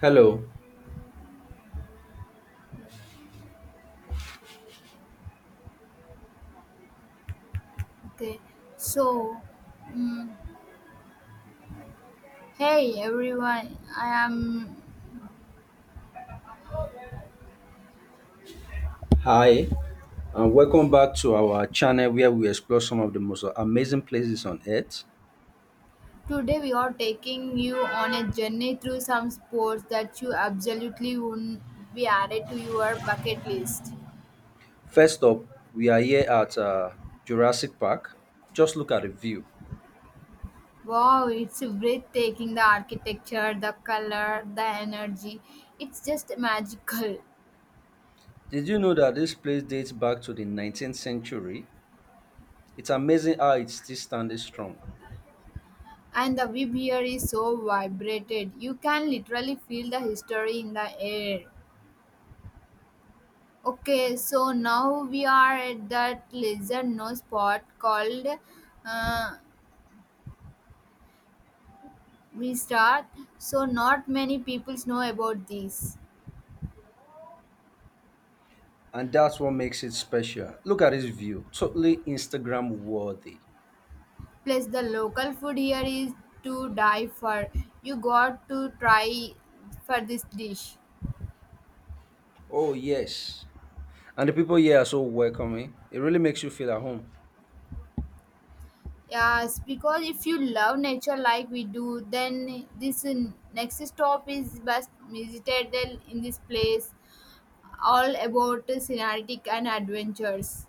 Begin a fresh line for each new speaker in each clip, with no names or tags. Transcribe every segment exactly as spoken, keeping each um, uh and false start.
Hello,
Okay, so mm hey everyone, I am
hi, and welcome back to our channel where we explore some of the most amazing places on earth.
today we are taking you on a journey through some sports that you absolutely wouldn't be added to your bucket list.
First up, we are here at uh, Jurassic Park. Just look at the view.
Wow, it's breathtaking the architecture, the color, the energy. It's just magical.
Did you know that this place dates back to the nineteenth century? It's amazing how it's still standing strong,
And the vibe here is so vibrated. You can literally feel the history in the air. Okay, so now we are at that lizard nose spot called uh, Restart. So not many people know about this.
and that's what makes it special. Look at this view, totally Instagram worthy.
Plus the local food here is to die for. You got to try for this dish.
Oh, yes. And the people here are so welcoming. It really makes you feel at home.
Yes, because if you love nature like we do, then this uh, next stop is best visited in this place. All about uh, scenic and adventures.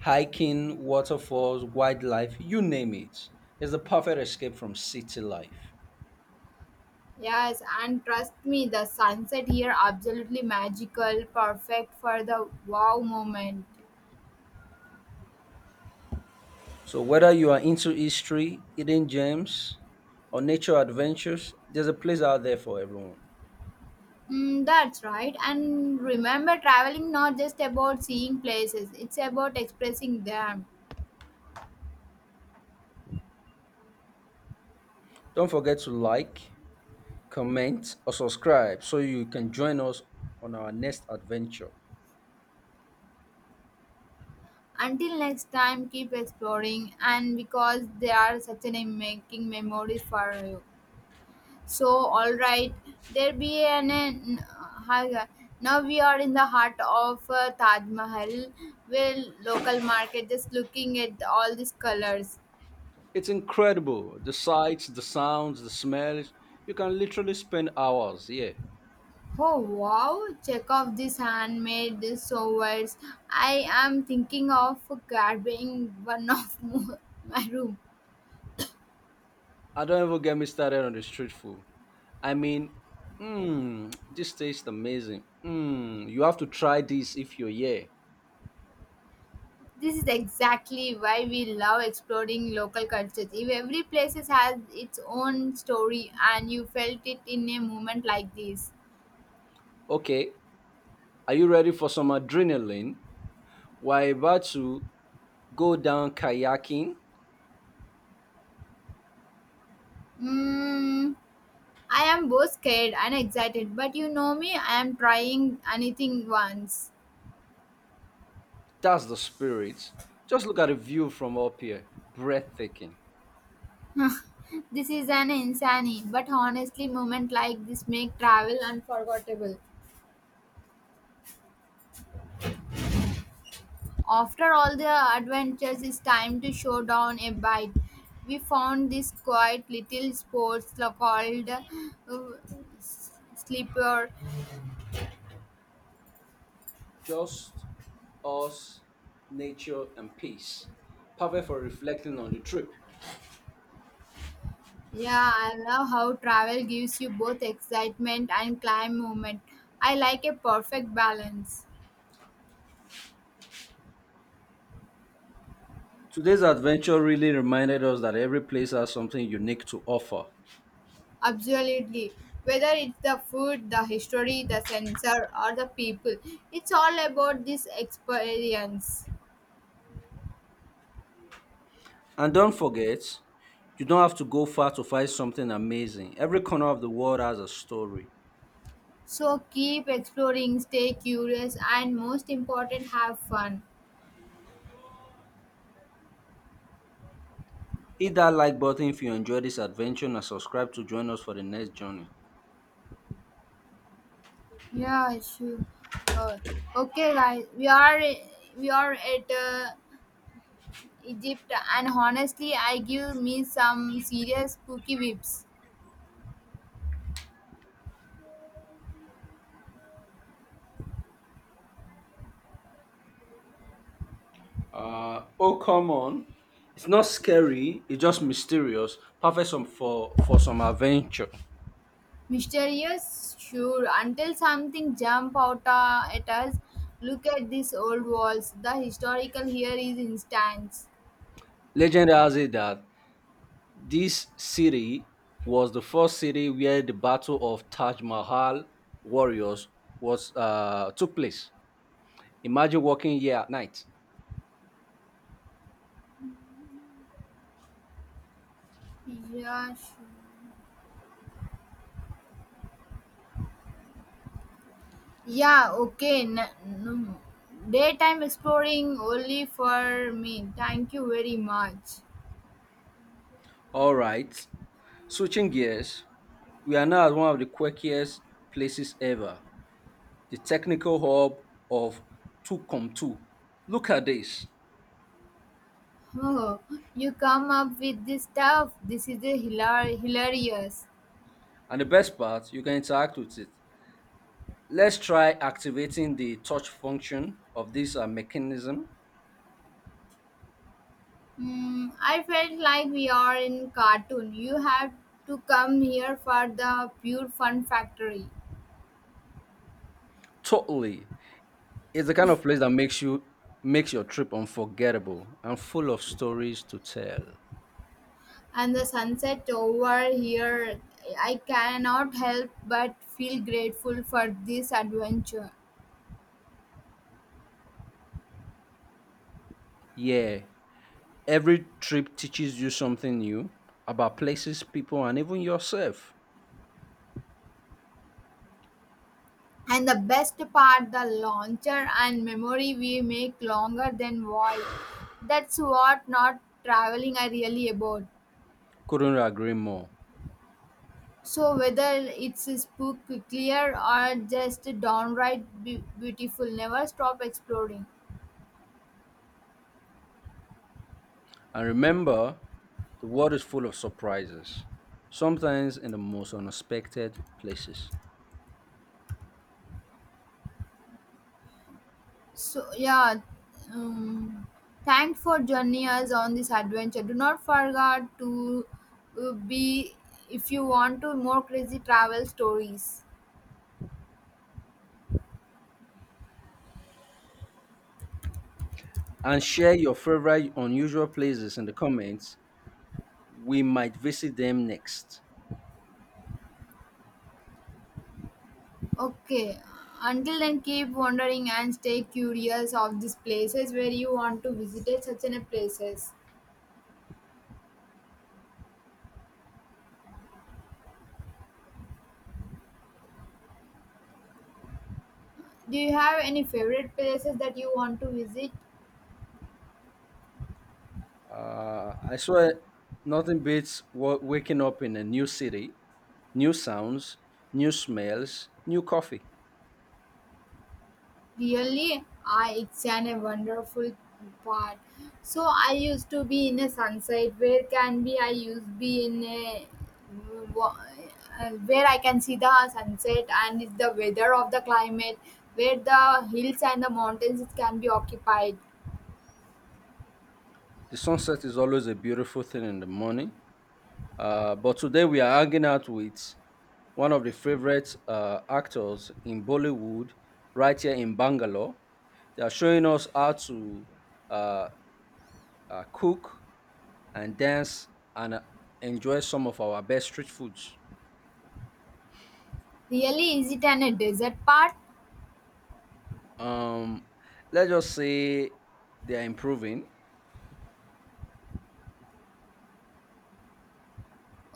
Hiking, waterfalls, wildlife, you name it. It's the perfect escape from city life.
Yes, and trust me, the sunset here absolutely magical, perfect for the wow moment.
So, whether you are into history, hidden gems, or nature adventures, there's a place out there for everyone.
Mm, that's right. And remember, traveling not just about seeing places; it's about expressing them.
Don't forget to like, comment, or subscribe so you can join us on our next adventure.
Until next time, keep exploring, and because they are such an making memories for you. So, all right, there be an, an uh, now we are in the heart of uh, Taj Mahal, where local market just looking at all these colors.
It's incredible the sights, the sounds, the smells. You can literally spend hours here.
Oh wow, check out this handmade sewers. I am thinking of grabbing one of mo- my room.
I don't even get me started on the street food. I mean, mmm, this tastes amazing. Mmm, you have to try this if you're here.
This is exactly why we love exploring local cultures. If every place has its own story and you felt it in a moment like this.
Okay, are you ready for some adrenaline? We're about to go down kayaking.
Mm, I am both scared and excited, but you know me, I am trying anything once.
That's the spirit. Just look at the view from up here. Breathtaking.
this is an insane, but honestly, moment like this make travel unforgettable. After all the adventures, it's time to show down a bite. We found this quiet little sport called uh, sleeper.
Just us, nature, and peace. Perfect for reflecting on the trip.
Yeah, I love how travel gives you both excitement and climb movement. I like a perfect balance.
Today's adventure really reminded us that every place has something unique to offer.
Absolutely. Whether it's the food, the history, the sensor, or the people, it's all about this experience.
And don't forget, you don't have to go far to find something amazing. Every corner of the world has a story.
So keep exploring, stay curious, and most important, have fun.
Hit that like button if you enjoyed this adventure and subscribe to join us for the next journey.
Yeah, sure. Uh, okay, guys, we are we are at uh, Egypt, and honestly, I give me some serious spooky vibes.
Uh, oh, come on. It's not scary, it's just mysterious, perfect some, for, for some adventure.
Mysterious, sure, until something jump out uh, at us. Look at these old walls. The historical here is instance.
Legend has it that this city was the first city where the Battle of Taj Mahal warriors was uh, took place. Imagine walking here at night.
Yeah, sure. Yeah, okay. N- n- Daytime exploring only for me. Thank you very much.
All right. Switching gears, we are now at one of the quirkiest places ever, the technical hub of Tucumtu. Look at this.
Oh, you come up with this stuff. This is a hilar- hilarious.
And the best part, you can interact with it. Let's try activating the touch function of this uh, mechanism.
Hmm, I felt like we are in cartoon. You have to come here for the pure fun factory.
Totally. It's the kind of place that makes you makes your trip unforgettable and full of stories to tell.
And the sunset over here, I cannot help but feel grateful for this adventure.
Yeah, every trip teaches you something new about places, people, and even yourself.
And the best part, the launcher and memory we make longer than why. That's what not traveling are really about.
Couldn't agree more.
So whether it's a spook clear or just downright be- beautiful, never stop exploring.
And remember, the world is full of surprises, sometimes in the most unexpected places.
So yeah, um, thanks for joining us on this adventure. Do not forget to uh, be if you want to more crazy travel stories.
And share your favorite unusual places in the comments. We might visit them next.
Okay, until then keep wandering and stay curious of these places where you want to visit it, such an a places. Do you have any favorite places that you want to visit?
Uh, I swear, nothing beats wa- waking up in a new city, new sounds, new smells, new coffee.
Really, I it's an a wonderful part. So I used to be in a sunset. Where can be? I used be in a mm, wa- uh, where I can see the sunset and it's the weather of the climate, where the hills and the mountains it can be occupied.
The sunset is always a beautiful thing in the morning. Uh, but today we are hanging out with one of the favorite uh, actors in Bollywood, right here in Bangalore. They are showing us how to uh, uh, cook and dance and uh, enjoy some of our best street foods.
Really, is it an a desert part?
Um, let's just say they are improving.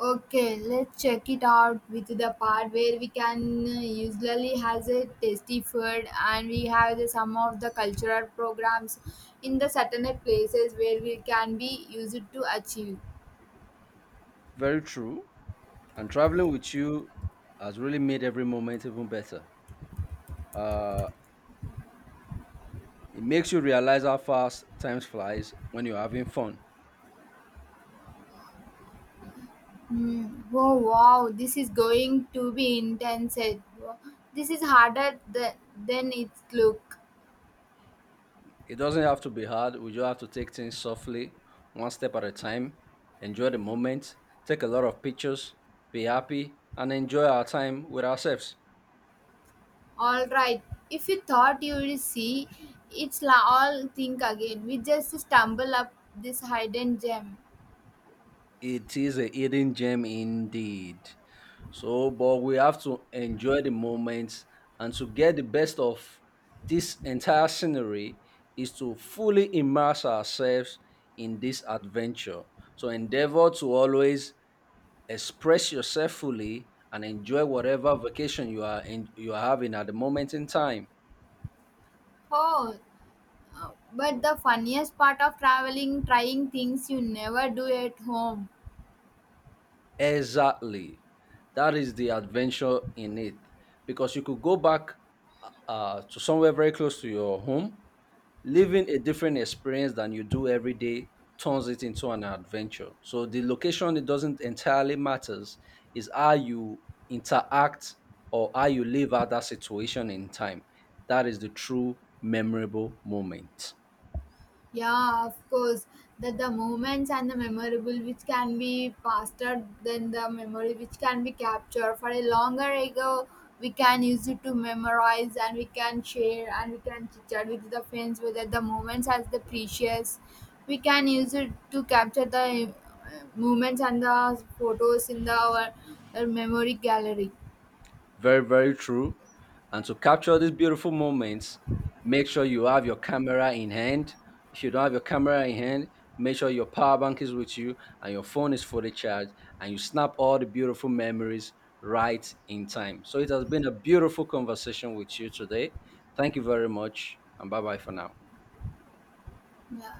Okay, let's check it out with the part where we can uh, usually has a tasty food and we have the, some of the cultural programs in the certain places where we can be used to achieve.
Very true. And traveling with you has really made every moment even better. Uh, it makes you realize how fast time flies when you're having fun.
Hmm. Oh wow, this is going to be intense. Eh? This is harder th- than it look.
It doesn't have to be hard. We just have to take things softly, one step at a time, enjoy the moment, take a lot of pictures, be happy, and enjoy our time with ourselves.
All right, if you thought you would see, it's la- all think again. We just stumble up this hidden gem.
It is a hidden gem indeed. So, but we have to enjoy the moment and to get the best of this entire scenery is to fully immerse ourselves in this adventure. So, endeavor to always express yourself fully and enjoy whatever vacation you are in, you are having at the moment in time.
Oh, Uh, but the funniest part of traveling, trying things you never do at home.
Exactly. That is the adventure in it. Because you could go back uh, to somewhere very close to your home, living a different experience than you do every day turns it into an adventure. So the location it doesn't entirely matters is how you interact or how you live out that situation in time. That is the true memorable moment.
Yeah, of course. That the moments and the memorable which can be faster than the memory which can be captured. For a longer ago, we can use it to memorize and we can share and we can chit chat with the friends whether the moments as the precious. We can use it to capture the uh, moments and the photos in the our, our memory gallery.
Very, very true. And to capture these beautiful moments, make sure you have your camera in hand. If you don't have your camera in hand, make sure your power bank is with you and your phone is fully charged and you snap all the beautiful memories right in time. So it has been a beautiful conversation with you today. Thank you very much and bye bye for now.
Yeah.